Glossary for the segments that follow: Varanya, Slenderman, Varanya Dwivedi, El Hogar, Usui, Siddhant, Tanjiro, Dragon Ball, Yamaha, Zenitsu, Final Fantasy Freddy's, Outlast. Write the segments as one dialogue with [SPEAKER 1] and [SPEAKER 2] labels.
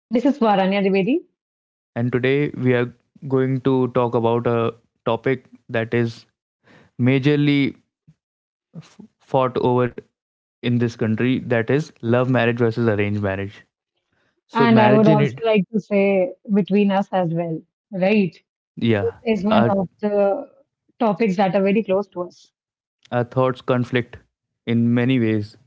[SPEAKER 1] This is Varanya Dwivedi,
[SPEAKER 2] and today we are going to talk about a topic that is majorly fought over in this country, that is love marriage versus arranged marriage. So,
[SPEAKER 1] and I
[SPEAKER 2] marriage
[SPEAKER 1] would
[SPEAKER 2] in
[SPEAKER 1] also
[SPEAKER 2] it,
[SPEAKER 1] like to say between us as well, right? It
[SPEAKER 2] yeah,
[SPEAKER 1] is one
[SPEAKER 2] our,
[SPEAKER 1] of the topics that are very close to us.
[SPEAKER 2] our thoughts conflict in many ways.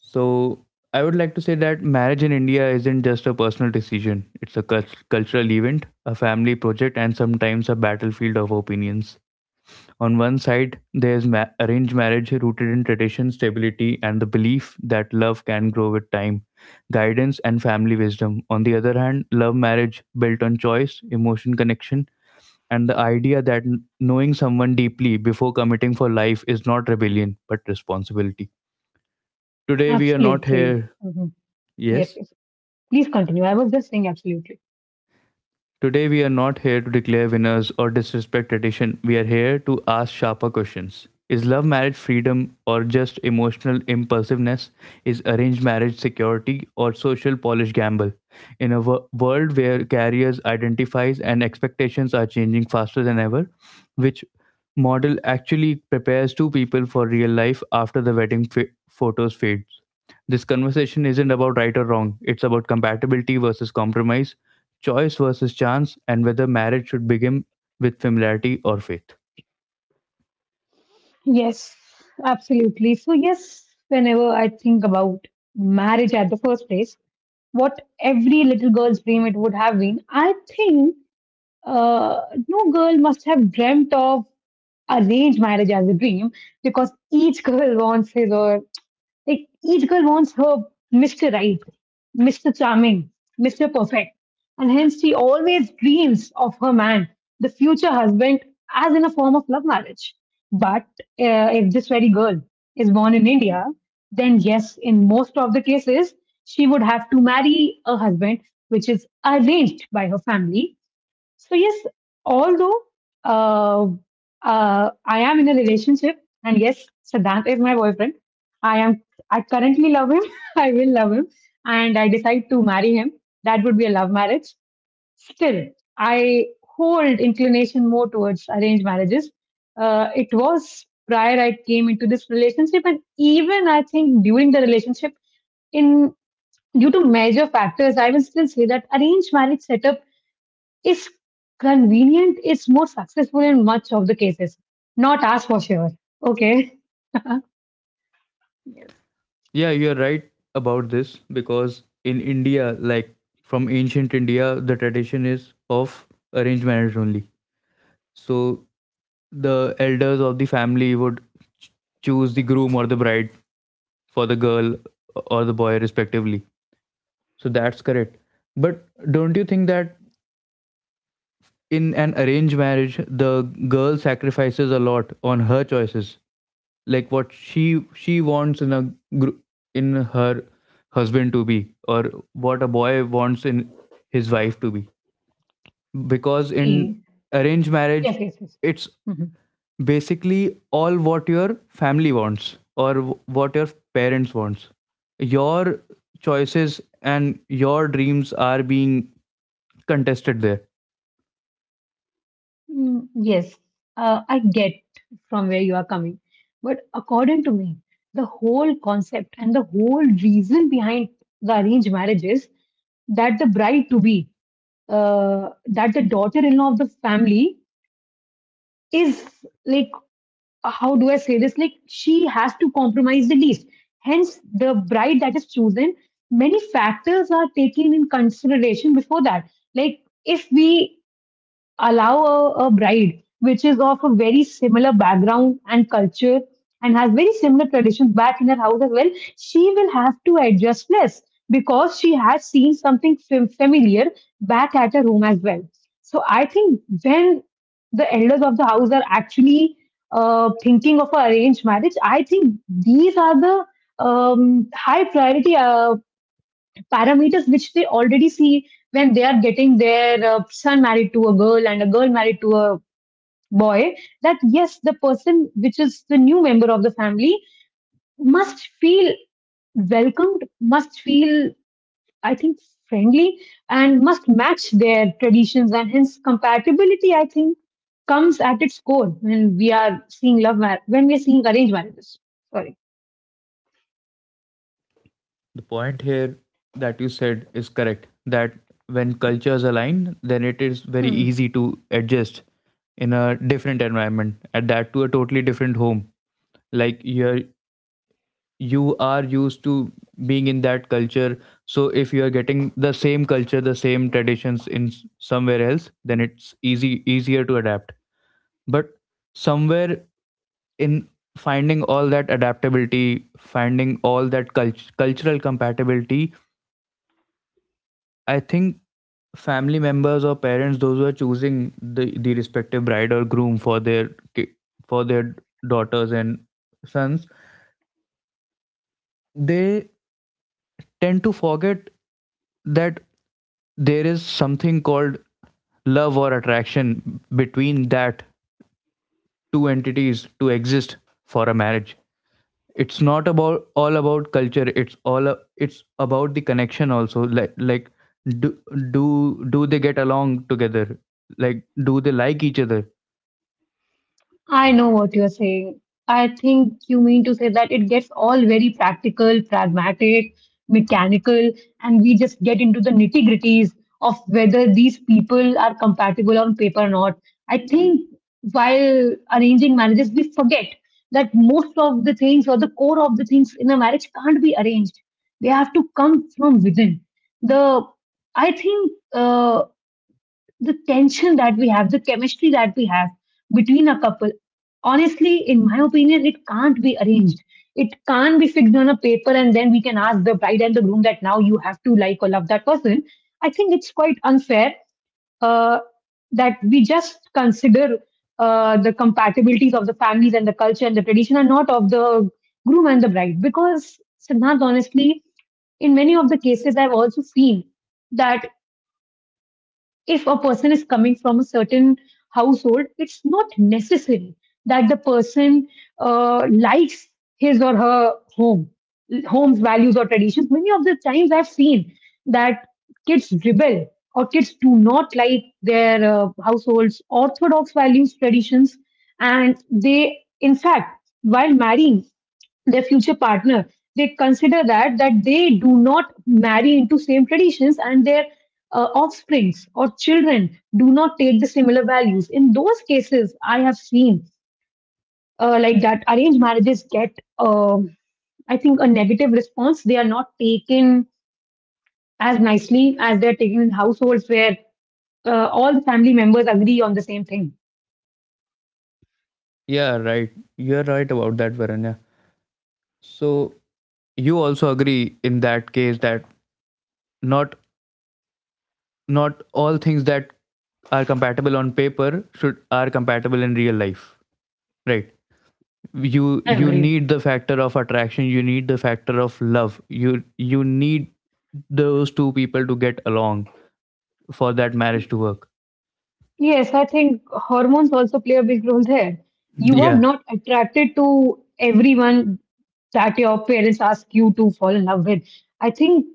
[SPEAKER 2] So, I would like to say that marriage in India isn't just a personal decision, it's a cultural event, a family project, and sometimes a battlefield of opinions. On one side, there's arranged marriage rooted in tradition, stability, and the belief that love can grow with time, guidance, and family wisdom. On the other hand, love marriage built on choice, emotion connection, and the idea that knowing someone deeply before committing for life is not rebellion but responsibility. Today, we are not
[SPEAKER 1] Absolutely.
[SPEAKER 2] here.
[SPEAKER 1] Yes,
[SPEAKER 2] Yes?
[SPEAKER 1] yes. Please continue. I was just saying absolutely.
[SPEAKER 2] Today, we are not here to declare winners or disrespect tradition. We are here to ask sharper questions. Is love marriage freedom or just emotional impulsiveness? Is arranged marriage security or social polish gamble? In a world where careers, identifies, and expectations are changing faster than ever, which model actually prepares two people for real life after the wedding photos fades? This conversation isn't about right or wrong. It's about compatibility versus compromise, choice versus chance, and whether marriage should begin with familiarity or faith.
[SPEAKER 1] Yes, absolutely. So, yes, whenever I think about marriage at the first place, what every little girl's dream it would have been, I think Uh, no girl must have dreamt of arranged marriage as a dream because each girl wants his or like each girl wants her Mr. Right, Mr. Charming, Mr. Perfect. And hence she always dreams of her man, the future husband, as in a form of love marriage. But if this very girl is born in India, then yes, in most of the cases, she would have to marry a husband which is arranged by her family, so yes, although uh, I am in a relationship, and yes, Siddhant is my boyfriend. I am. I currently love him. I will love him, and I decide to marry him. That would be a love marriage. Still, I hold inclination more towards arranged marriages. It was prior I came into this relationship, and even I think during the relationship, in due to major factors, I will still say that arranged marriage setup is convenient, is more successful in much of the cases. Not as for sure. Okay. Yes.
[SPEAKER 2] Yeah, you're right about this, because in India, like from ancient India, the tradition is of arranged marriage only. So the elders of the family would ch- choose the groom or the bride for the girl or the boy, respectively. So that's correct. But don't you think that in an arranged marriage, the girl sacrifices a lot on her choices, like what she wants in gr- in her husband to be, or what a boy wants in his wife to be? Because in
[SPEAKER 1] See.
[SPEAKER 2] arranged marriage,
[SPEAKER 1] Yes, yes, yes.
[SPEAKER 2] it's
[SPEAKER 1] Mhm.
[SPEAKER 2] basically all what your family wants, or what your parents wants. Your choices and your dreams are being contested there.
[SPEAKER 1] Yes, I get from where you are coming. But according to me, the whole concept and the whole reason behind the arranged marriage is that the bride to be, that the daughter in law of the family is like, how do I say this? Like she has to compromise the least. Hence, the bride that is chosen, many factors are taken in consideration before that. Like if we allow a bride which is of a very similar background and culture and has very similar traditions back in her house as well, she will have to adjust less because she has seen something familiar back at her home as well. So I think when the elders of the house are actually thinking of an arranged marriage, I think these are the high priority parameters which they already see when they are getting their son married to a girl and a girl married to a boy, that yes, the person which is the new member of the family must feel welcomed, must feel, I think, friendly, and must match their traditions, and hence compatibility, I think, comes at its core when we are seeing when we are seeing arranged marriages.
[SPEAKER 2] The point here that you said is correct, that when cultures align, then it is very
[SPEAKER 1] Sorry.
[SPEAKER 2] easy to adjust in a different environment, and that to a totally different home. Like, you are used to being in that culture, so if you are getting the same culture, the same traditions in somewhere else, then it's easy easier to adapt. But somewhere in finding all that adaptability, finding all that cultural compatibility, I think family members or parents, those who are choosing the respective bride or groom for their ki- for their daughters and sons, they tend to forget that there is something called love or attraction between that two entities to exist for a marriage. It's not about all about culture, it's about the connection also. Like like do do do they get along together? Like, do they like each other?
[SPEAKER 1] I know what you're saying. I think you mean to say that it gets all very practical, pragmatic, mechanical, and we just get into the nitty gritties of whether these people are compatible on paper or not. I think while arranging marriages, we forget that most of the things or the core of the things in a marriage can't be arranged. They have to come from within. The I think. The tension that we have, the chemistry that we have between a couple, honestly, in my opinion, it can't be arranged. It can't be fixed on a paper and then we can ask the bride and the groom that now you have to like or love that person. I think it's quite unfair uh, that we just consider the compatibilities of the families and the culture and the tradition and not of the groom and the bride. Because, Siddhant, honestly, in many of the cases, I've also seen that if a person is coming from a certain household, it's not necessary that the person likes his or her home, home's values or traditions. Many of the times I've seen that kids rebel or kids do not like their household's orthodox values, traditions, and they, in fact, while marrying their future partner, they consider that they do not marry into same traditions and their offsprings or children do not take the similar values. In those cases, I have seen, like, that arranged marriages get, I think, a negative response. They are not taken as nicely as they are taken in households where all the family members agree on the same thing.
[SPEAKER 2] Yeah, right. You're right about that, Varanya. So you also agree in that case that not not all things that are compatible on paper should are compatible in real life, right? You
[SPEAKER 1] I
[SPEAKER 2] you
[SPEAKER 1] agree.
[SPEAKER 2] need the factor of attraction. You need the factor of love. You need those two people to get along for that marriage to work.
[SPEAKER 1] Yes, I think hormones also play a big role there. You are
[SPEAKER 2] Yeah.
[SPEAKER 1] not attracted to everyone that your parents ask you to fall in love with. I think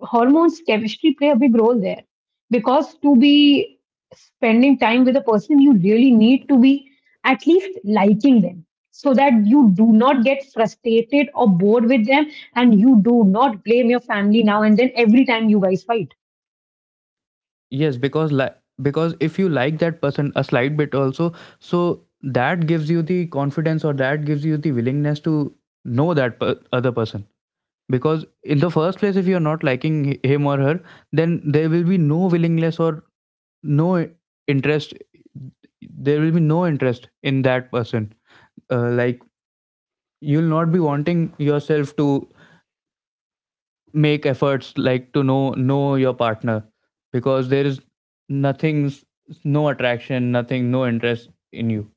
[SPEAKER 1] hormones, chemistry play a big role there because to be spending time with a person, you really need to be at least liking them so that you do not get frustrated or bored with them and you do not blame your family now and then every time you guys fight.
[SPEAKER 2] Yes, because, like, because if you like that person a slight bit also, so that gives you the confidence, or that gives you the willingness to know that other person. Because in the first place, if you're not liking him or her, then there will be no willingness, or no interest. There will be no interest in that person. Like, you'll not be wanting yourself to make efforts like to know your partner, because there is nothing s- no attraction, nothing, no interest in you.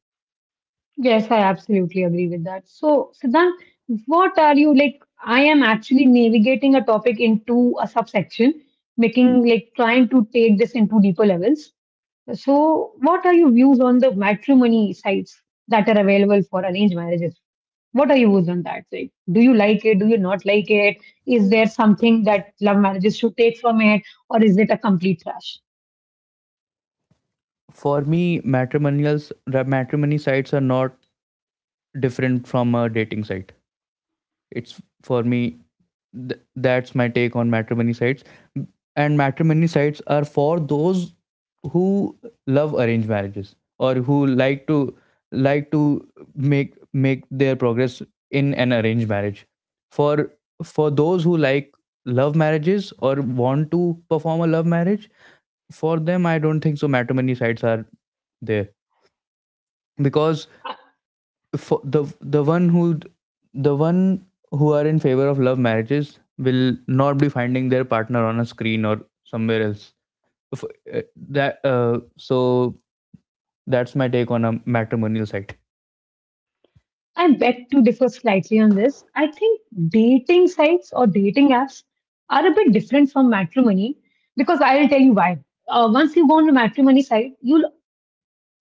[SPEAKER 1] Yes, I absolutely agree with that. So, Siddhant, what are you like? I am actually navigating a topic into a subsection, making, like, trying to take this into deeper levels. So, what are your views on the matrimony sites that are available for arranged marriages? What are your views on that? Like, do you like it? Do you not like it? Is there something that love marriages should take from it, or is it a complete trash?
[SPEAKER 2] For me, matrimony sites are not different from a dating site. It's for me. th- that's my take on matrimony sites. And matrimony sites are for those who love arranged marriages, or who like to make their progress in an arranged marriage. For for those who like love marriages or want to perform a love marriage, for them, I don't think so matrimony sites are there. Because for the one who are in favor of love marriages will not be finding their partner on a screen or somewhere else. If, uh, that, so, that's my take on a matrimonial site.
[SPEAKER 1] I beg to differ slightly on this. I think dating sites or dating apps are a bit different from matrimony because I'll tell you why. Once you go on a matrimony site, you'll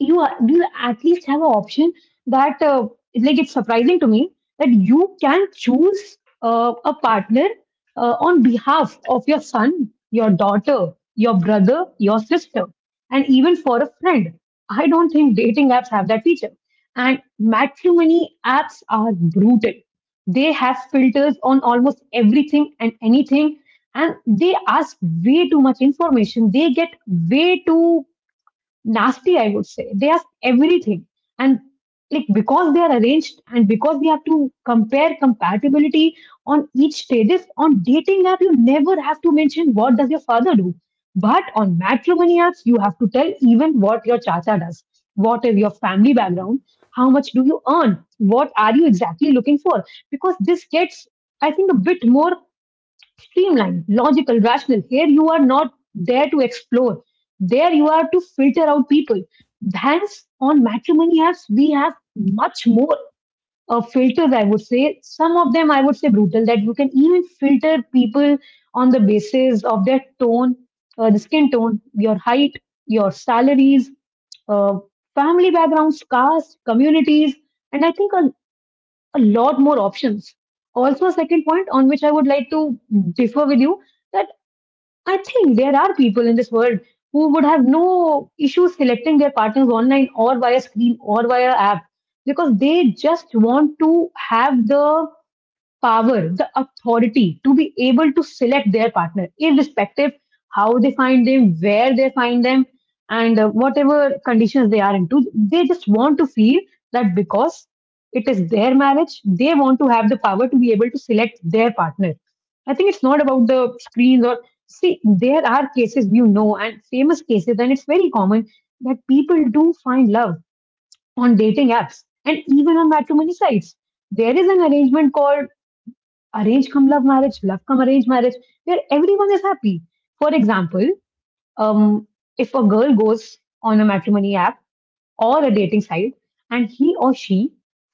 [SPEAKER 1] you are, do you at least have an option that, like, it's surprising to me that you can choose a partner, on behalf of your son, your daughter, your brother, your sister, and even for a friend? I don't think dating apps have that feature. And matrimony apps are brutal. They have filters on almost everything and anything, and they ask way too much information. They get way too nasty, I would say. They ask everything. And like, because they are arranged and because we have to compare compatibility on each stages, on dating app you never have to mention what does your father do, but on matrimony apps you have to tell even what your chacha does, what is your family background, how much do you earn, what are you exactly looking for. Because this gets, I think, a bit more streamlined, logical, rational. Here you are not there to explore. There you are to filter out people. Hence, on matrimony apps, we have much more filters, I would say. Some of them, I would say, brutal, that you can even filter people on the basis of their tone, the skin tone, your height, your salaries, uh, family backgrounds, caste, communities, and I think a lot more options. Also, a second point on which I would like to differ with you, that I think there are people in this world who would have no issue selecting their partners online or via screen or via app, because they just want to have the power, the authority to be able to select their partner, irrespective how they find them, where they find them, and whatever conditions they are into. They just want to feel that because it is their marriage, they want to have the power to be able to select their partner. I think it's not about the screens or, see, there are cases, you know, and famous cases, and it's very common that people do find love on dating apps and even on matrimony sites. There is an arrangement called arrange come love marriage, love come arrange marriage, where everyone is happy. For example, um, if a girl goes on a matrimony app or a dating site and he or she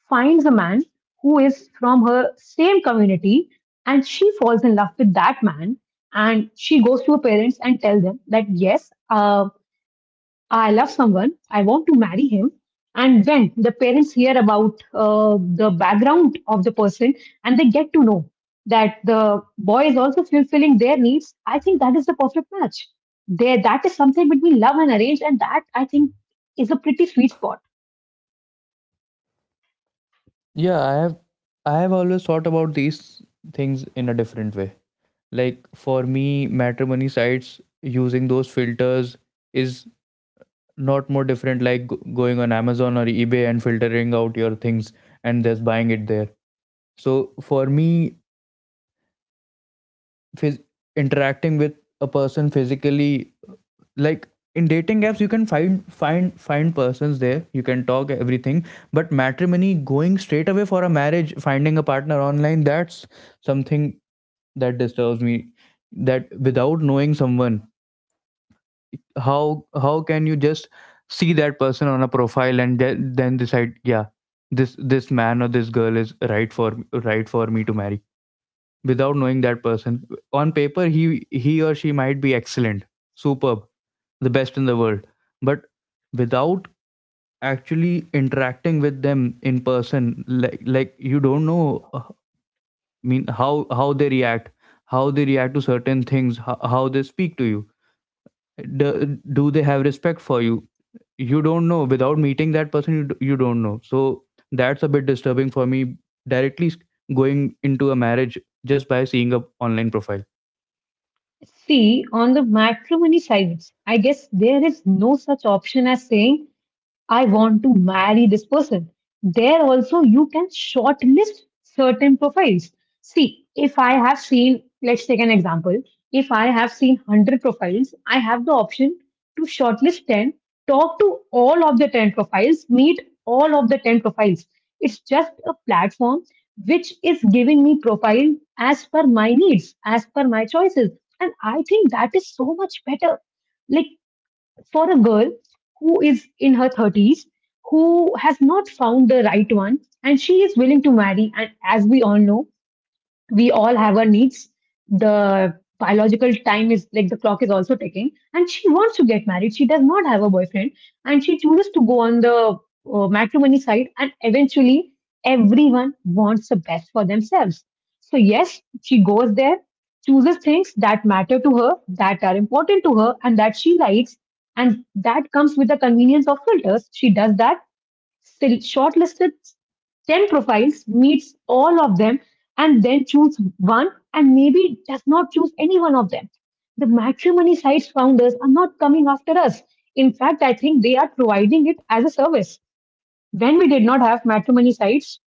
[SPEAKER 1] finds a man who is from her same community and she falls in love with that man and she goes to her parents and tell them that yes, I love someone, I want to marry him. And when the parents hear about the background of the person and they get to know that the boy is also fulfilling their needs, I think that is the perfect match. There, that is something between love and arrange, and that I think is a pretty sweet spot.
[SPEAKER 2] Yeah, I have always thought about these things in a different way. Like for me, matrimony sites using those filters is not more different, like going on Amazon or eBay and filtering out your things and just buying it there. So for me, phys- interacting with a person physically, like in dating apps you can find persons there, you can talk everything, but matrimony, going straight away for a marriage, finding a partner online, that's something that disturbs me. That without knowing someone, how can you just see that person on a profile and then decide, yeah, this man or this girl is right for, right for me to marry, without knowing that person. On paper, he or she might be excellent, superb, the best in the world, but without actually interacting with them in person, like you don't know, mean how they react, how they react to certain things, how they speak to you, do they have respect for you? You don't know without meeting that person. You don't know. So that's a bit disturbing for me, directly going into a marriage just by seeing a online profile.
[SPEAKER 1] See, on the matrimony sides, I guess there is no such option as saying I want to marry this person. There also you can shortlist certain profiles. See, if I have seen, let's take an example. If I have seen 100 profiles, I have the option to shortlist 10, talk to all of the 10 profiles, meet all of the 10 profiles. It's just a platform which is giving me profile as per my needs, as per my choices. And I think that is so much better. Like for a girl who is in her 30s, who has not found the right one and she is willing to marry, and as we all know, we all have our needs. The biological time is like the clock is also ticking, and she wants to get married. She does not have a boyfriend, and she chooses to go on the matrimony side. And eventually, everyone wants the best for themselves. So yes, she goes there, chooses things that matter to her, that are important to her, and that she likes, and that comes with the convenience of filters. She does that, still shortlisted 10 profiles, meets all of them, and then choose one, and maybe does not choose any one of them. The matrimony sites founders are not coming after us. In fact, I think they are providing it as a service. When we did not have matrimony sites,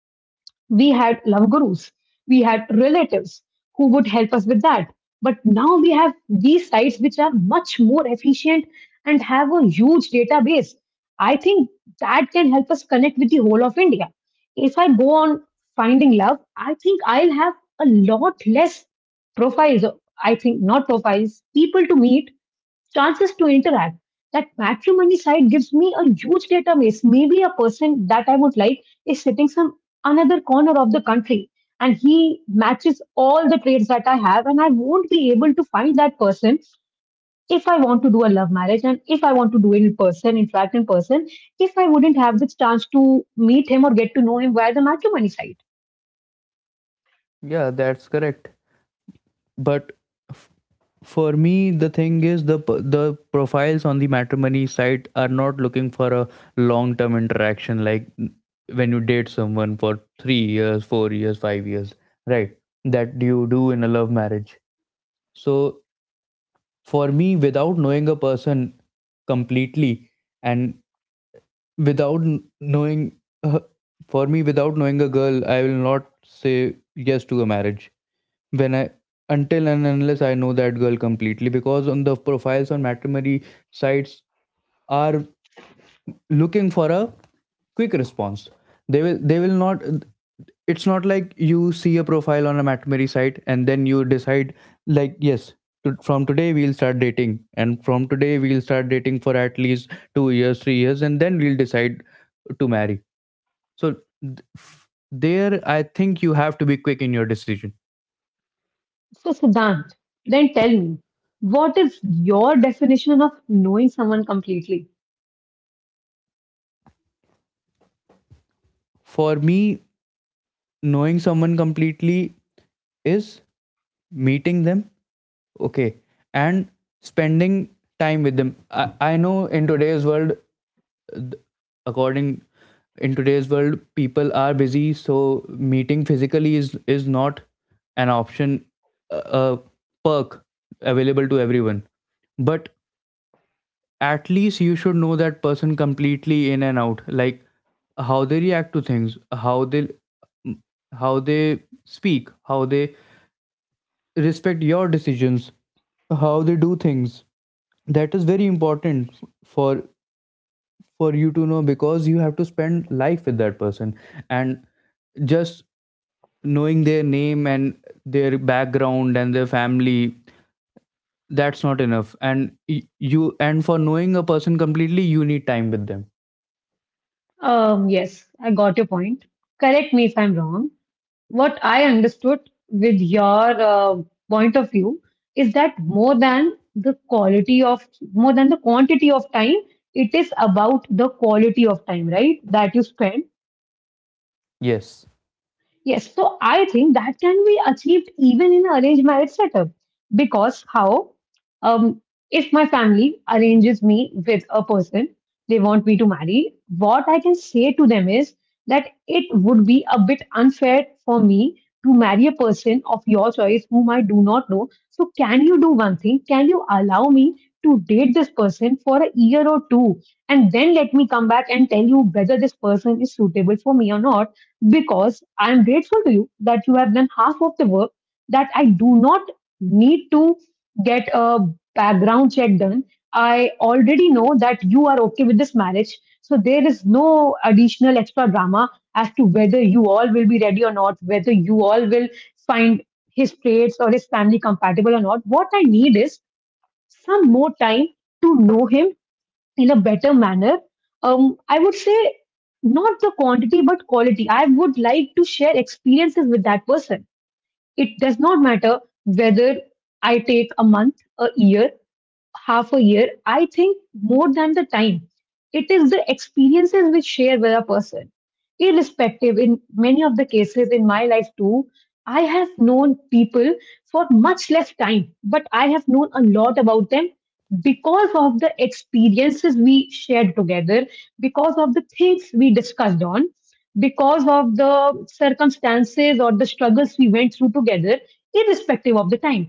[SPEAKER 1] we had love gurus, we had relatives who would help us with that, but now we have these sites which are much more efficient and have a huge database, I think, that can help us connect with the whole of India. If I go on finding love, I think I'll have a lot less profiles. I think not profiles, people to meet, chances to interact. That matrimony site gives me a huge database. Maybe a person that I would like is sitting some another corner of the country, and he matches all the traits that I have, and I won't be able to find that person if I want to do a love marriage, and if I want to do it in person, in fact, in person, if I wouldn't have the chance to meet him or get to know him via the matrimony site.
[SPEAKER 2] Yeah, that's correct, but f- for me the thing is, the profiles on the matrimony site are not looking for a long term interaction, like when you date someone for 3 years, 4 years, 5 years, right, that you do in a love marriage. So for me, without knowing a person completely, and without knowing, uh, for me without knowing a girl I will not say yes to a marriage when I until and unless I know that girl completely. Because on the profiles on matrimony sites are looking for a quick response, they will not. It's not like you see a profile on a matrimony site and then you decide like yes to, from today we'll start dating, and from today we'll start dating for at least 2 years, 3 years, and then we'll decide to marry. So there, I think you have to be quick in your decision.
[SPEAKER 1] So Siddhant, then tell me, what is your definition of knowing someone completely?
[SPEAKER 2] For me, knowing someone completely is meeting them, okay, and spending time with them. I know in today's world, according in today's world people are busy, so meeting physically is not an option, a perk available to everyone. But at least you should know that person completely, in and out. Like, how they react to things, how they how they speak, how they respect your decisions, how they do things. That is very important for for you to know, because you have to spend life with that person. And just knowing their name and their background and their family, that's not enough. And you, and for knowing a person completely, you need time with them.
[SPEAKER 1] Yes, I got your point. Correct me if I'm wrong. What I understood with your point of view is that more than the quality of, more than the quantity of time, it is about the quality of time, right? That you spend.
[SPEAKER 2] Yes,
[SPEAKER 1] Yes, so I think that can be achieved even in an arranged marriage setup. Because how, um, if my family arranges me with a person they want me to marry, what I can say to them is that it would be a bit unfair for me to marry a person of your choice whom I do not know. So can you do one thing? Can you allow me to date this person for a year or 2 and then let me come back and tell you whether this person is suitable for me or not? Because I am grateful to you that you have done half of the work, that I do not need to get a background check done. I already know that you are okay with this marriage. So there is no additional extra drama as to whether you all will be ready or not, whether you all will find his traits or his family compatible or not. What I need is some more time to know him in a better manner. I would say not the quantity but quality. I would like to share experiences with that person. It does not matter whether I take a month, a year, half a year. I think more than the time, it is the experiences we share with a person. Irrespective, in many of the cases in my life too, I have known people for much less time, but I have known a lot about them because of the experiences we shared together, because of the things we discussed on, because of the circumstances or the struggles we went through together, irrespective of the time.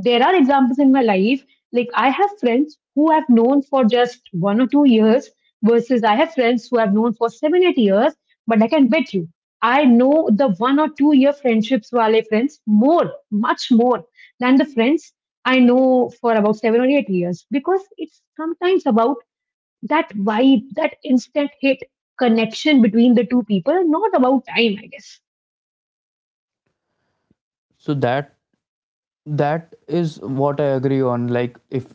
[SPEAKER 1] There are examples in my life, like I have friends who I've known for just 1 or 2 years versus I have friends who I've known for 7, 8 years, but I can bet you I know the 1 or 2 year friendships wale friends more, much more than the friends I know for about 7 or 8 years, because it's sometimes about that vibe, that instant hit connection between the two people, not about time, I guess.
[SPEAKER 2] so that is what I agree on. Like, if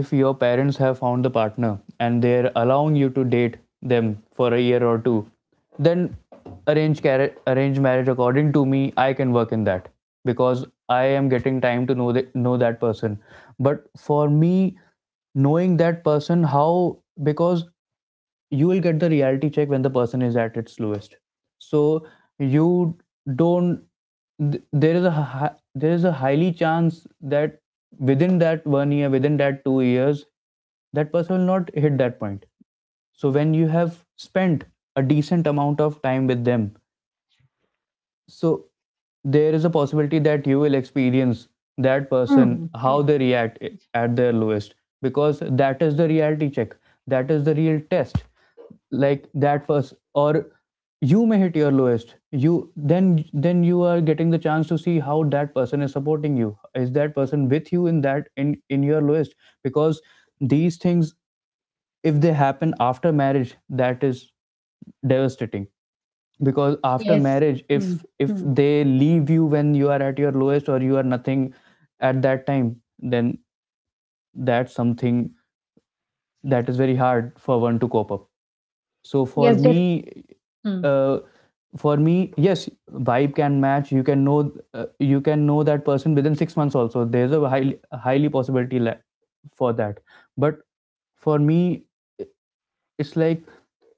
[SPEAKER 2] if your parents have found the partner and they're allowing you to date them for a year or two, then arrange marriage, according to me, I can work in that, because I am getting time to know, know that person. But for me, knowing that person, how? Because you will get the reality check when the person is at its lowest. So you don't th- there is a hi- there is a highly chance that within that one year, within that 2 years, that person will not hit that point. So when you have spent a decent amount of time with them, so there is a possibility that you will experience that
[SPEAKER 1] Hmm.
[SPEAKER 2] person,
[SPEAKER 1] Yes.
[SPEAKER 2] how they react at their lowest, because that is the reality check, that is the real test. Like, that person, or you may hit your lowest, you, then you are getting the chance to see how that person is supporting you, is that person with you in that, in your lowest, because these things, if they happen after marriage, that is devastating. Because after
[SPEAKER 1] Yes.
[SPEAKER 2] marriage, if
[SPEAKER 1] Mm-hmm.
[SPEAKER 2] they leave you when you are at your lowest or you are nothing, at that time, then that's something that is very hard for one to cope up. So for
[SPEAKER 1] Yes,
[SPEAKER 2] me,
[SPEAKER 1] definitely.
[SPEAKER 2] uh, for me, yes, vibe can match. You can know, you can know that person within 6 months also. There's a highly highly possibility for that. But for me, it's like,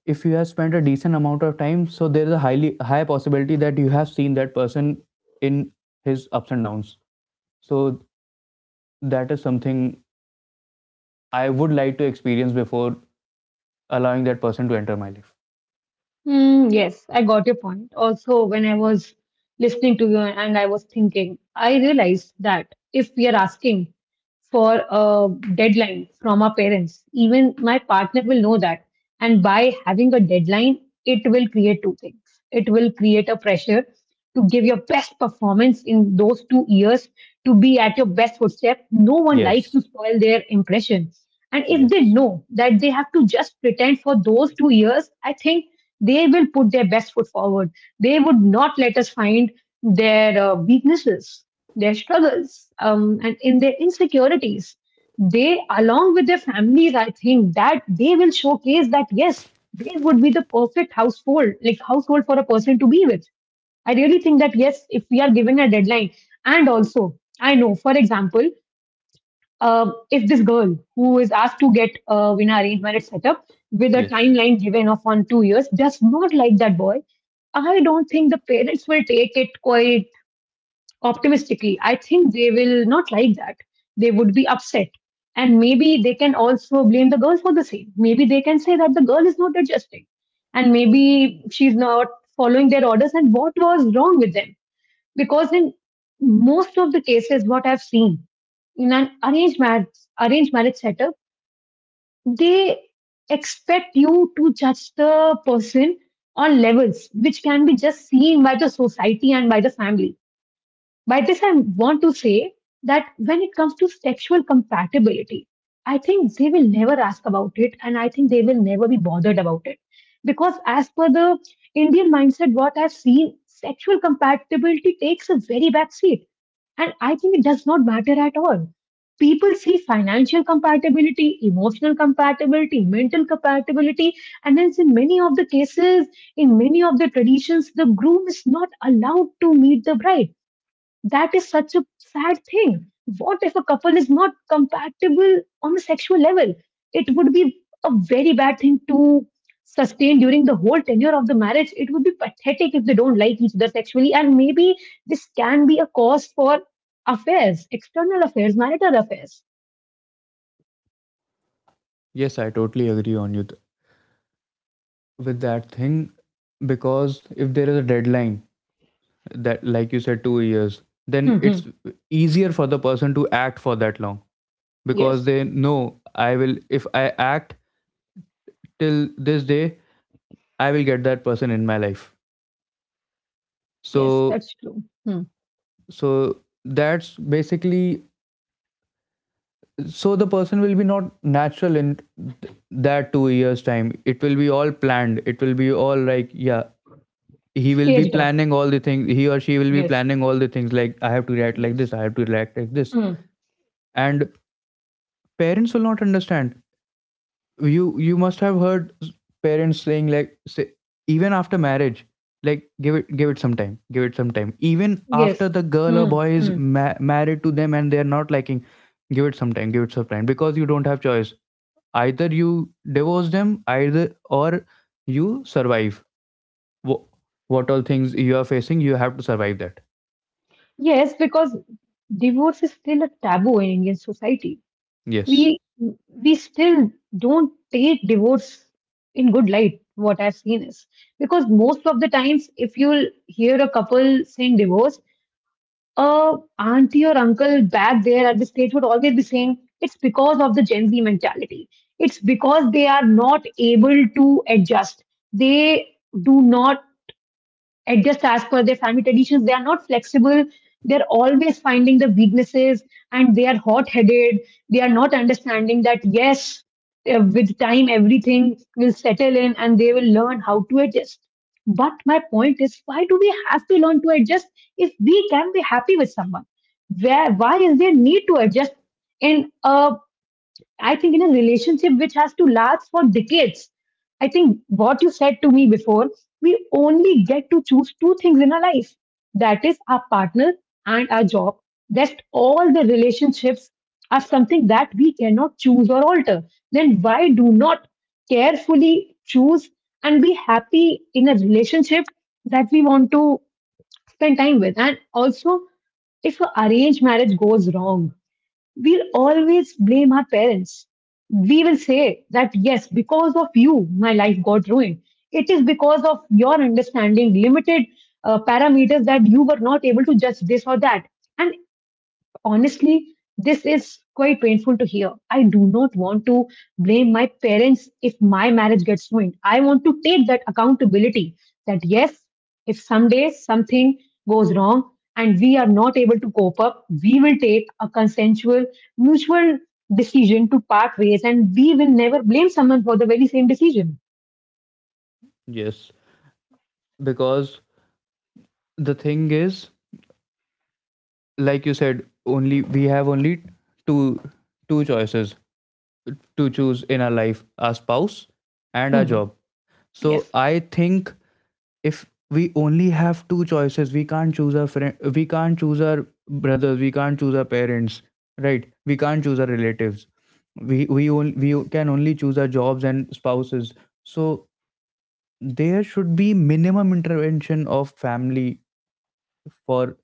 [SPEAKER 2] if you have spent a decent amount of time, so there is a highly high possibility that you have seen that person in his ups and downs. So that is something I would like to experience before allowing that person to enter my life.
[SPEAKER 1] Mm, yes, I got your point. Also, when I was listening to you and I was thinking, I realized that if we are asking for a deadline from our parents, even my partner will know that. And by having a deadline, it will create two things. It will create a pressure to give your best performance in those 2 years, to be at your best footstep. No one likes to
[SPEAKER 2] Yes,
[SPEAKER 1] spoil their impression. And if they
[SPEAKER 2] yes,
[SPEAKER 1] know that they have to just pretend for those 2 years, I think they will put their best foot forward. They would not let us find their weaknesses, their struggles, and in their insecurities. They, along with their families, I think that they will showcase that yes, they would be the perfect household, like household for a person to be with. I really think that yes, if we are given a deadline, and also I know, for example, if this girl who is asked to get in an arranged marriage setup with a
[SPEAKER 2] yes,
[SPEAKER 1] timeline given of on 2 years does not like that boy, I don't think the parents will take it quite optimistically. I think they will not like that. They would be upset. And maybe they can also blame the girl for the same. Maybe they can say that the girl is not adjusting. And maybe she's not following their orders and what was wrong with them. Because in most of the cases what I've seen in an arranged marriage setup, they expect you to judge the person on levels which can be just seen by the society and by the family. By this I want to say that when it comes to sexual compatibility, I think they will never ask about it, and I think they will never be bothered about it because as per the Indian mindset, what I've seen, sexual compatibility takes a very back seat, and I think it does not matter at all. People see financial compatibility, emotional compatibility, mental compatibility, and as in many of the cases, in many of the traditions, the groom is not allowed to meet the bride. That is such a sad thing. What if a couple is not compatible on a sexual level? It would be a very bad thing to sustain during the whole tenure of the marriage. It would be pathetic if they don't like each other sexually. And maybe this can be a cause for affairs, external affairs, marital affairs.
[SPEAKER 2] yes, I totally agree with that thing, because if there is a deadline, that, like you said, 2 years, then it's
[SPEAKER 1] Hmm.
[SPEAKER 2] easier for the person to act for that long, because
[SPEAKER 1] Yes,
[SPEAKER 2] they know, I will, if I act till this day, I will get that person in my life.
[SPEAKER 1] yes,
[SPEAKER 2] So,
[SPEAKER 1] that's true. Hmm.
[SPEAKER 2] so that's basically, so the person will be not natural in that 2 years time. It will be all planned, it will be all, like, yeah. He will be
[SPEAKER 1] Staged up.
[SPEAKER 2] planning all the things, he or she will be
[SPEAKER 1] Yes,
[SPEAKER 2] planning all the things, like, I have to react like
[SPEAKER 1] yes.
[SPEAKER 2] this, I have to react like this.
[SPEAKER 1] Hmm.
[SPEAKER 2] And parents will not understand. You must have heard parents saying, like, say, even after marriage, like, give it, give it some time, give it some time, even after
[SPEAKER 1] Yes.
[SPEAKER 2] the girl or
[SPEAKER 1] Hmm.
[SPEAKER 2] boy is
[SPEAKER 1] Hmm.
[SPEAKER 2] married to them and they are not liking. Give it some time, give it some time, because you don't have choice. Either you divorce them, either, or you survive. Wh- what all things you are facing, you have to survive that.
[SPEAKER 1] Yes, because divorce is still a taboo in Indian society.
[SPEAKER 2] Yes,
[SPEAKER 1] we we still don't take divorce in good light, what I've seen is. Because most of the times if you'll hear a couple saying divorce, a auntie or uncle back there at the stage would always be saying it's because of the Gen Z mentality, it's because they are not able to adjust, they do not adjust as per their family traditions. They are not flexible. They're always finding the weaknesses, and they are hot headed. They are not understanding that, yes, with time, everything will settle in and they will learn how to adjust. But my point is, why do we have to learn to adjust if we can be happy with someone? Where, why is there need to adjust in a, I think in a relationship which has to last for decades, I think what you said to me before, we only get to choose two things in our life, that is, our partner and our job. Rest all the relationships are something that we cannot choose or alter. Then why do not carefully choose and be happy in a relationship that we want to spend time with? And also, if an arranged marriage goes wrong, we'll always blame our parents. We will say that, yes, because of you, my life got ruined. It is because of your understanding, limited parameters, that you were not able to judge this or that. And honestly, this is quite painful to hear. I do not want to blame my parents if my marriage gets ruined. I want to take that accountability that yes, if someday something goes wrong and we are not able to cope up, we will take a consensual, mutual decision to part ways, and we will never blame someone for the very same decision.
[SPEAKER 2] yes, because the thing is, like you said, only we have only two two choices to choose in our life, our spouse and our
[SPEAKER 1] Mhm.
[SPEAKER 2] job. So
[SPEAKER 1] Yes.
[SPEAKER 2] I think, if we only have two choices, we can't choose our friend, we can't choose our brothers, we can't choose our parents, right, we can't choose our relatives. We can only choose our jobs and spouses. So there should be minimum intervention of family, for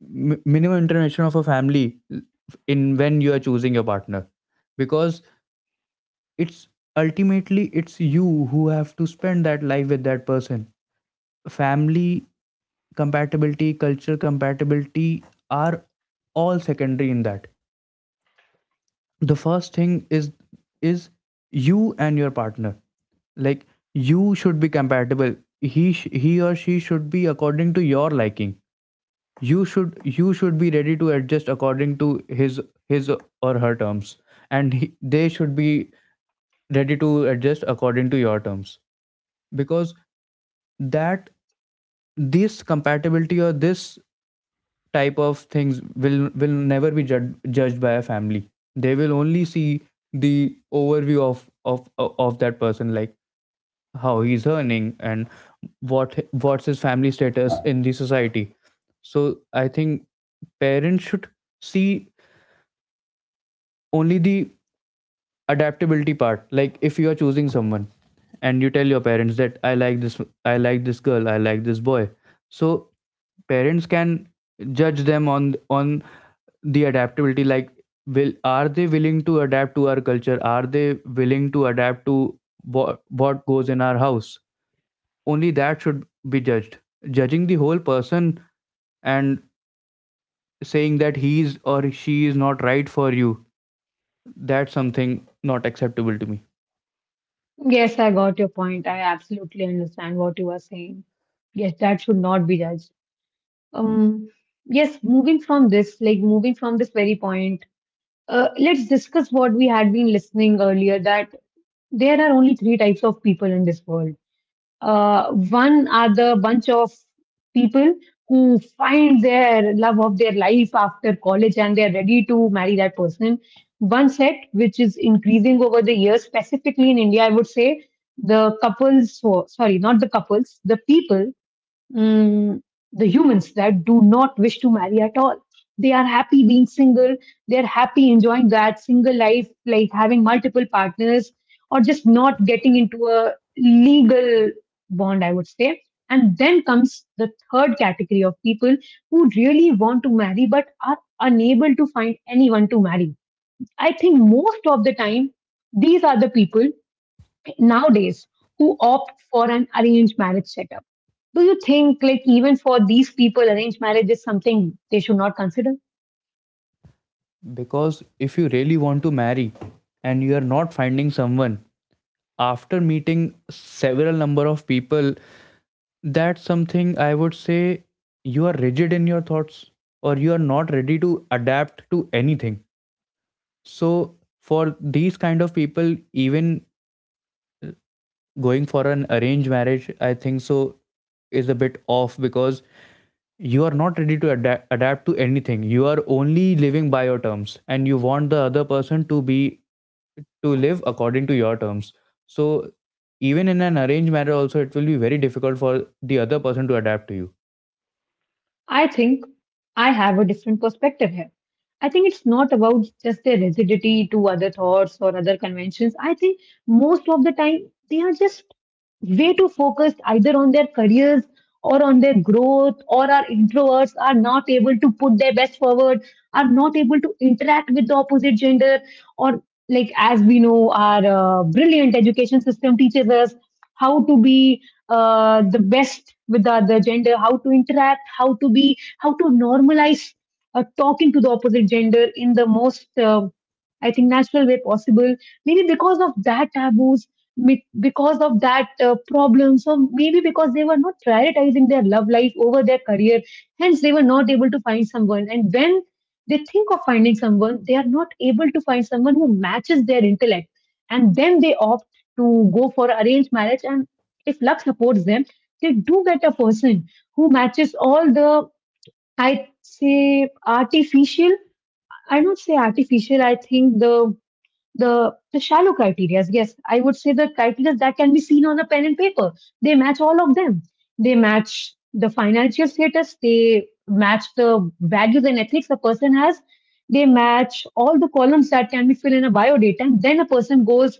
[SPEAKER 2] minimum intervention of a family in, when you are choosing your partner, because it's, ultimately, it's you who have to spend that life with that person. Family compatibility, culture compatibility, are all secondary in that. The first thing is you and your partner. Like, you should be compatible, he or she should be according to your liking. You should be ready to adjust according to his his or her terms, and he, they should be ready to adjust according to your terms. Because that this compatibility, or this type of things, will never be judged by a family. They will only see the overview of that person, like, how he's earning and what's his family status in the society. So I think parents should see only the adaptability part. Like, if you are choosing someone and you tell your parents that I like this, I like this girl, I like this boy. So parents can judge them on the adaptability. Like, will are they willing to adapt to our culture, are they willing to adapt to what goes in our house. Only that should be judged. Judging the whole person and saying that he's or she is not right for you, that's something not acceptable to me.
[SPEAKER 1] Yes, I got your point. I absolutely understand what you are saying. Yes, that should not be judged. Um, yes, moving from this, like moving from this very point, let's discuss what we had been listening earlier, that there are only three types of people in this world. One are the bunch of people who find their love of their life after college and they're ready to marry that person. One set, which is increasing over the years, specifically in India, I would say the couples, not the couples, the people, mm, the humans that do not wish to marry at all. They are happy being single. They are happy enjoying that single life, like having multiple partners or just not getting into a legal bond, I would say. And then comes the third category of people who really want to marry but are unable to find anyone to marry. I think most of the time, these are the people nowadays who opt for an arranged marriage setup. Do you think, like, even for these people, arranged marriage is something they should not consider?
[SPEAKER 2] Because if you really want to marry and you are not finding someone after meeting several number of people, that's something I would say, you are rigid in your thoughts, or you are not ready to adapt to anything. So for these kind of people, even going for an arranged marriage, I think so, is a bit off, because you are not ready to adapt to anything. You are only living by your terms, and you want the other person to be, to live according to your terms. So even in an arranged marriage also, it will be very difficult for the other person to adapt to you.
[SPEAKER 1] I think I have a different perspective here. I think it's not about just their rigidity to other thoughts or other conventions. I think most of the time they are just way too focused either on their careers or on their growth, or our introverts are not able to put their best forward, are not able to interact with the opposite gender, or like as we know, our brilliant education system teaches us how to be the best with the other gender, how to interact, how to be, how to normalize talking to the opposite gender in the most, I think, natural way possible. Maybe because of that taboos, because of that problems, or maybe because they were not prioritizing their love life over their career, hence they were not able to find someone. And when they think of finding someone, they are not able to find someone who matches their intellect, and then they opt to go for arranged marriage and if luck supports them, they do get a person who matches all the, I'd say, artificial. I don't say artificial. I think the shallow criteria. Yes, I would say the criteria that can be seen on a pen and paper. They match all of them. They match the financial status. They match the values and ethics a person has. They match all the columns that can be filled in a bio data, and then a person goes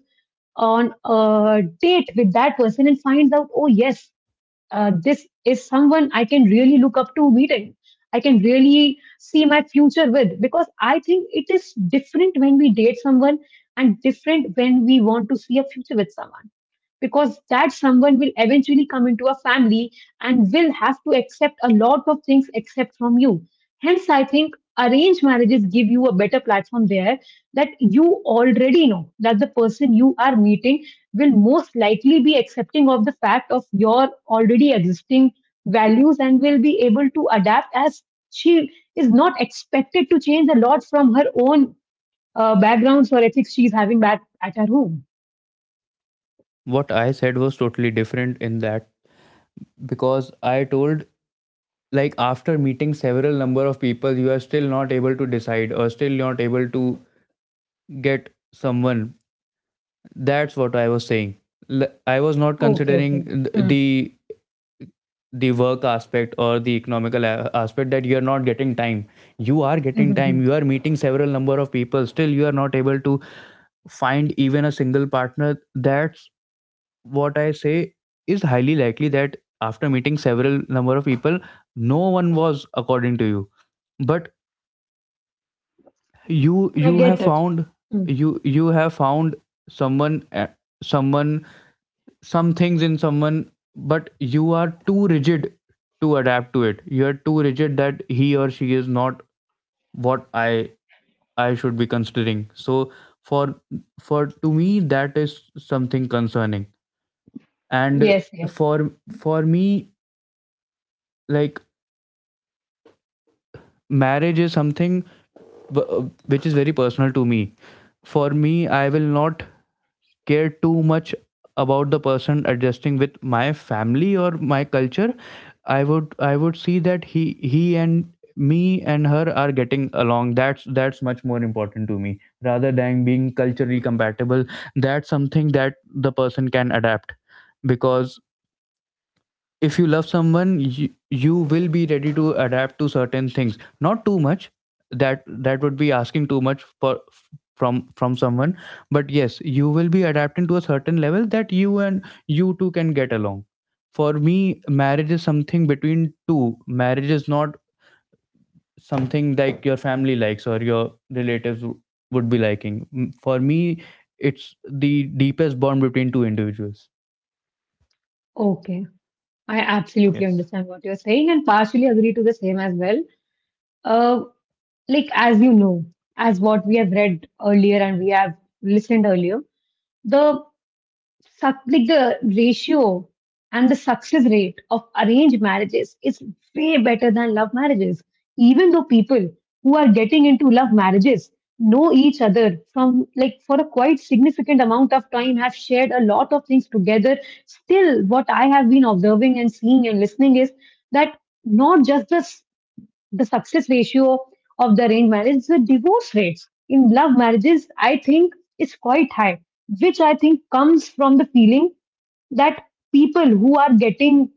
[SPEAKER 1] on a date with that person and finds out, oh, yes, this is someone I can really look up to meeting. I can really see my future with because I think it is different when we date someone and different when we want to see a future with someone because that someone will eventually come into a family and will have to accept a lot of things except from you, hence I think arranged marriages give you a better platform there, that you already know that the person you are meeting will most likely be accepting of the fact of your already existing values and will be able to adapt as she is not expected to change a lot from her own backgrounds or ethics she's having back at her home.
[SPEAKER 2] What I said was totally different in that, because I told, like, after meeting several number of people, you are still not able to decide, or still not able to get someone, that's what I was saying. I was not
[SPEAKER 1] Okay,
[SPEAKER 2] considering
[SPEAKER 1] okay.
[SPEAKER 2] the the work aspect, or the economical, aspect. That you are not getting time, you are
[SPEAKER 1] Mm-hmm.
[SPEAKER 2] getting
[SPEAKER 1] Hmm.
[SPEAKER 2] time, you are meeting several number of people, still you are not able to find even a single partner. That's what I say, is highly likely that, after meeting several number of people, no one was according to you, but you
[SPEAKER 1] I
[SPEAKER 2] you have
[SPEAKER 1] get it.
[SPEAKER 2] found,
[SPEAKER 1] Hmm.
[SPEAKER 2] you have found someone, someone, some things in someone, but you are too rigid to adapt to it. You are too rigid that he or she is not what I should be considering. So, for for to me, that is something concerning. And
[SPEAKER 1] Yes, yes.
[SPEAKER 2] for for me, like, marriage is something wh- which is very personal to me. For me, I will not care too much about the person adjusting with my family or my culture. I would see that he and me and her are getting along. That's much more important to me, rather than being culturally compatible. That's something that the person can adapt, because if you love someone, you will be ready to adapt to certain things, not too much, that would be asking too much for from someone. But yes, you will be adapting to a certain level that you, and you two, can get along. For me, marriage is something between two. Marriage is not something like your family likes, or your relatives would be liking. For me, it's the deepest bond between two individuals.
[SPEAKER 1] Okay. I absolutely
[SPEAKER 2] Yes.
[SPEAKER 1] understand what you're saying and partially agree to the same as well. Uh, like, as you know, as what we have read earlier and we have listened earlier, the like the ratio and the success rate of arranged marriages is way better than love marriages. Even though people who are getting into love marriages know each other from like for a quite significant amount of time, have shared a lot of things together. Still, what I have been observing and seeing and listening is that not just the success ratio of the arranged marriage, the divorce rates in love marriages, I think, is quite high, which I think comes from the feeling that people who are getting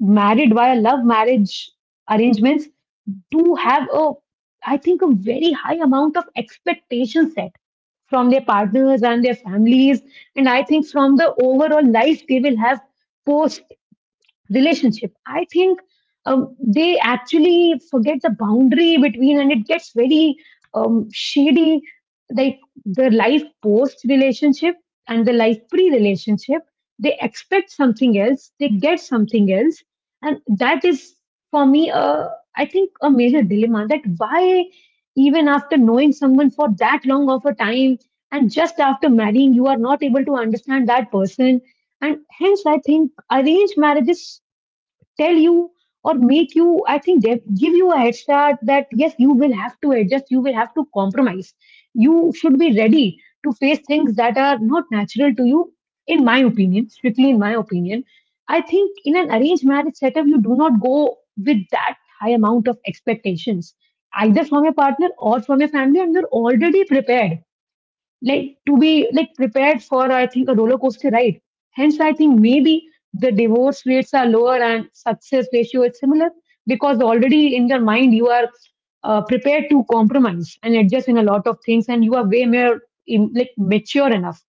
[SPEAKER 1] married via love marriage arrangements do have a, I think, a very high amount of expectation set from their partners and their families, and I think from the overall life they will have post relationship. I think they actually forget the boundary between, and it gets very shady. Like the life post relationship and the life pre relationship, they expect something else, they get something else, and that is for me, a, I think a major dilemma. That why even after knowing someone for that long of a time and just after marrying you are not able to understand that person, and hence I think arranged marriages tell you or make you, I think they give you a head start that yes, you will have to adjust, you will have to compromise, you should be ready to face things that are not natural to you. In my opinion, strictly in my opinion, I think in an arranged marriage setup you do not go with that high amount of expectations either from your partner or from your family, and you're already prepared like to be like prepared for I think a roller coaster ride. Hence, I think maybe the divorce rates are lower and success ratio is similar because already in your mind you are prepared to compromise and adjust in a lot of things, and you are way more like mature enough.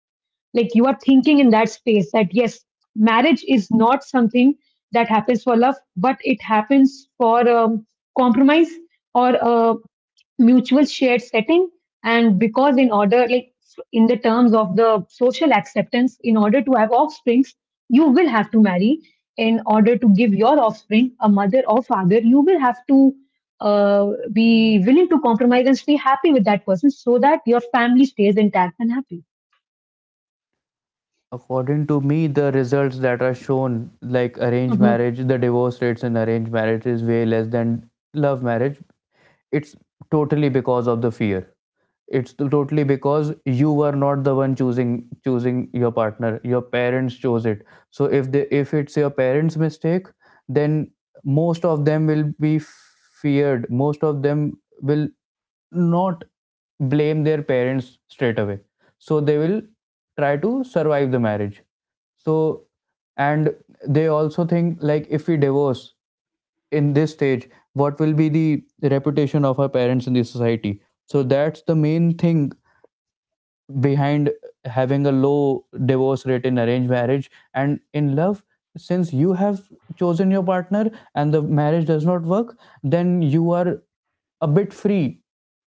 [SPEAKER 1] Like you are thinking in that space that yes, marriage is not something that happens for love, but it happens for compromise or mutual shared setting, and because in order like in the terms of the social acceptance in order to have offsprings you will have to marry, in order to give your offspring a mother or father you will have to uh, be willing to compromise and stay happy with that person so that your family stays intact and happy.
[SPEAKER 2] According to me, the results that are shown, like, arranged
[SPEAKER 1] Mhm.
[SPEAKER 2] marriage, the divorce rates in arranged marriage is way less than love marriage. It's totally because of the fear. It's totally because you were not the one choosing your partner, your parents chose it. So if they, if it's your parents mistake, then most of them will be feared, most of them will not blame their parents straight away. So they will try to survive the marriage. So, and they also think, like, if we divorce in this stage, what will be the reputation of our parents in the society. So that's the main thing behind having a low divorce rate in arranged marriage. And in love, since you have chosen your partner and the marriage does not work, then you are a bit free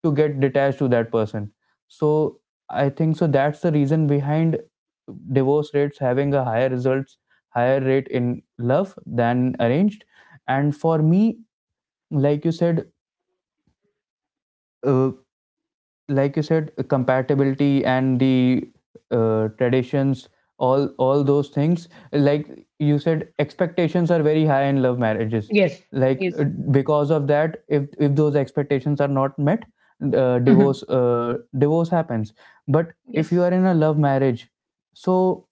[SPEAKER 2] to get detached to that person. So I think so, that's the reason behind divorce rates having a higher results, higher rate in love than arranged. And for me, like you said, uh, like you said, compatibility, and the, traditions, all those things, like you said, expectations are very high in love marriages.
[SPEAKER 1] Yes,
[SPEAKER 2] Like,
[SPEAKER 1] yes.
[SPEAKER 2] because of that, if those expectations are not met,
[SPEAKER 1] Mhm.
[SPEAKER 2] divorce, divorce happens. But if
[SPEAKER 1] Yes.
[SPEAKER 2] you are in a love marriage, so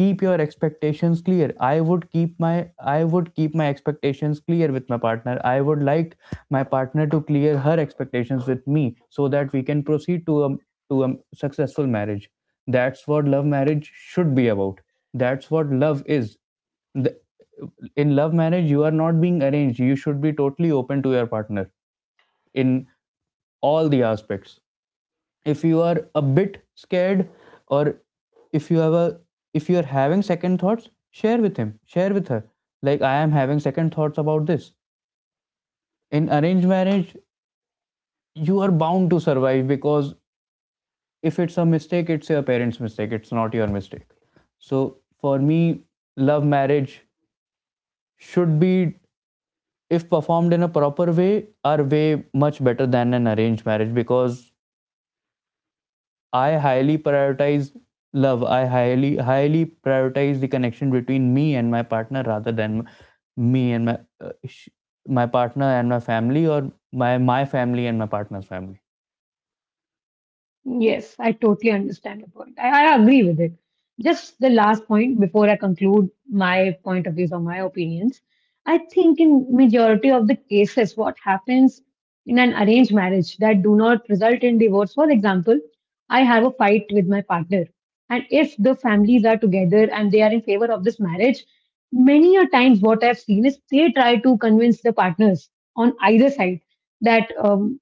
[SPEAKER 2] keep your expectations clear. I would keep my expectations clear with my partner. I would like my partner to clear her expectations with me, so that we can proceed to a, to a successful marriage. That's what love marriage should be about, that's what love is. the, in love marriage, you are not being arranged, you should be totally open to your partner in all the aspects. If you are a bit scared, or if you have a if you are having second thoughts, share with him, share with her, like, I am having second thoughts about this. In arranged marriage, you are bound to survive, because if it's a mistake, it's your parents mistake, it's not your mistake. So for me, love marriage should be, if performed in a proper way, are way much better than an arranged marriage, because I highly prioritize love. I highly highly prioritize the connection between me and my partner, rather than me and my, my partner and my family, or my family and my partner's family.
[SPEAKER 1] Yes, I totally understand your point. I agree with it. Just the last point before I conclude my point of views or my opinions. I think in majority of the cases, what happens in an arranged marriage that do not result in divorce, for example, I have a fight with my partner. And if the families are together and they are in favor of this marriage, many a times what I've seen is they try to convince the partners on either side that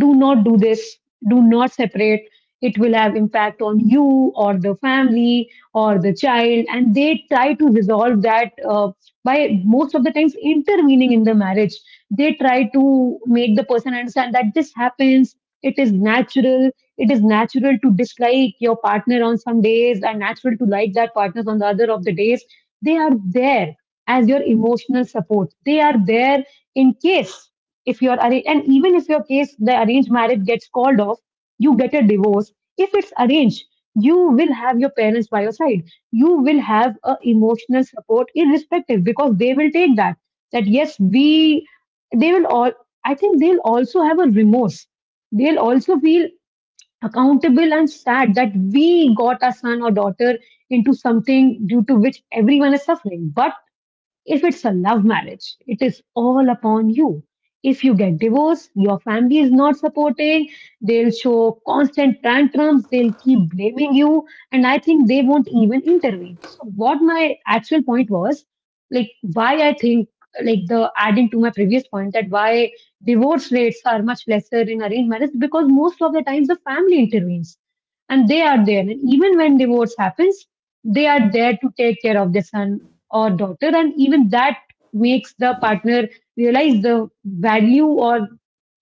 [SPEAKER 1] do not do this, do not separate, it will have impact on you or the family or the child, and they try to resolve that by most of the times intervening in the marriage. They try to make the person understand that this happens, it is natural. It is natural to dislike your partner on some days and natural to like that partner on the other of the days. They are there as your emotional support. They are there in case if you're arranged, and even if your case, the arranged marriage gets called off, you get a divorce. If it's arranged, you will have your parents by your side. You will have a emotional support, irrespective, because they will take that. That yes, we, they will all. I think they'll also have a remorse. They'll also feel accountable and sad that we got our son or daughter into something due to which everyone is suffering. But if it's a love marriage, it is all upon you. If you get divorced, your family is not supporting, they'll show constant tantrums, they'll keep blaming you, and I think they won't even intervene. So, what my actual point was, like, why I think, like, the adding to my previous point that why divorce rates are much lesser in arranged marriage because most of the times the family intervenes and they are there. And even when divorce happens, they are there to take care of their son or daughter, and even that makes the partner realize the value or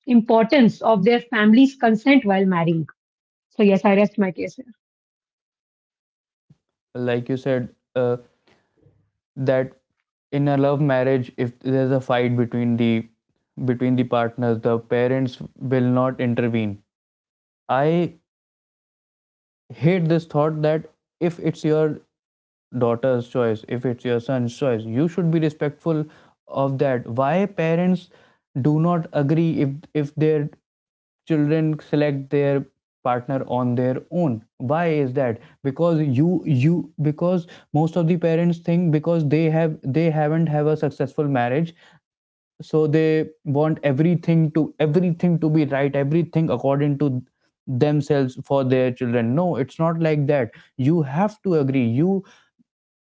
[SPEAKER 1] importance of their family's consent while marrying. So yes, I rest my case here.
[SPEAKER 2] Like you said, that in a love marriage, if there's a fight between the, between the partners, the parents will not intervene. I hate this thought that, if it's your daughter's choice, if it's your son's choice, you should be respectful of that. Why parents do not agree if their children select their partner on their own? Why is that? Because you, because most of the parents think, because they have, they haven't have a successful marriage. So they want everything to, everything to be right, everything according to themselves for their children. No, it's not like that. You have to agree. You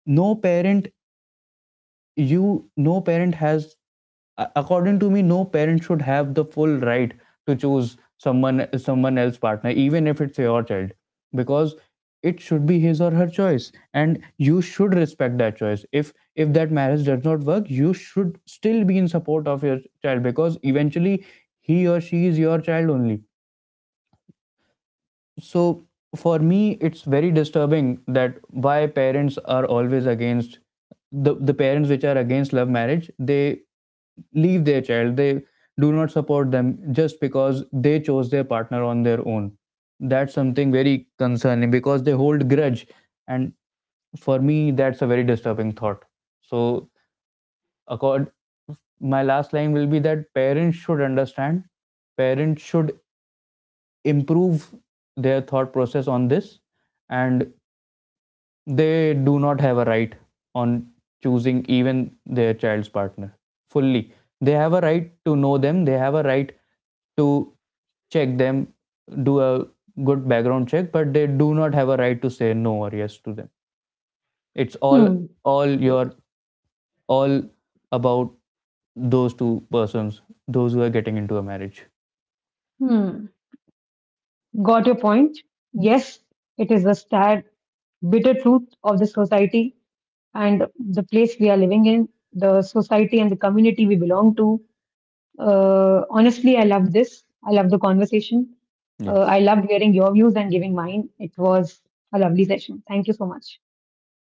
[SPEAKER 2] no parent you No parent has, according to me, no parent should have the full right to choose someone, someone else partner, even if it's your child. Because it should be his or her choice, and you should respect that choice. If that marriage does not work, you should still be in support of your child, because eventually, he or she is your child only. So for me, it's very disturbing that, why parents are always against the, parents which are against love marriage, they leave their child, they do not support them just because they chose their partner on their own. That's something very concerning, because they hold grudge. And for me, that's a very disturbing thought. So, accord my last line will be that, parents should understand. Parents should improve their thought process on this. And they do not have a right on choosing even their child's partner fully. They have a right to know them, they have a right to check them, do a good background check, but they do not have a right to say no or yes to them. It's
[SPEAKER 1] Hmm.
[SPEAKER 2] all
[SPEAKER 1] Yes.
[SPEAKER 2] your all about those two persons, those who are getting into a marriage.
[SPEAKER 1] Hmm, got your point. Yes, it is the sad bitter truth of the society and the place we are living in, the society and the community we belong to. Honestly, I love this. I love the conversation. I
[SPEAKER 2] Yes,
[SPEAKER 1] loved hearing your views and giving mine. It was a lovely session. Thank you so much.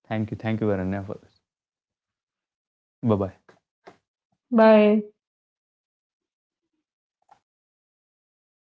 [SPEAKER 2] thank you, thank you, Varanya, for this. Bye bye.
[SPEAKER 1] Bye.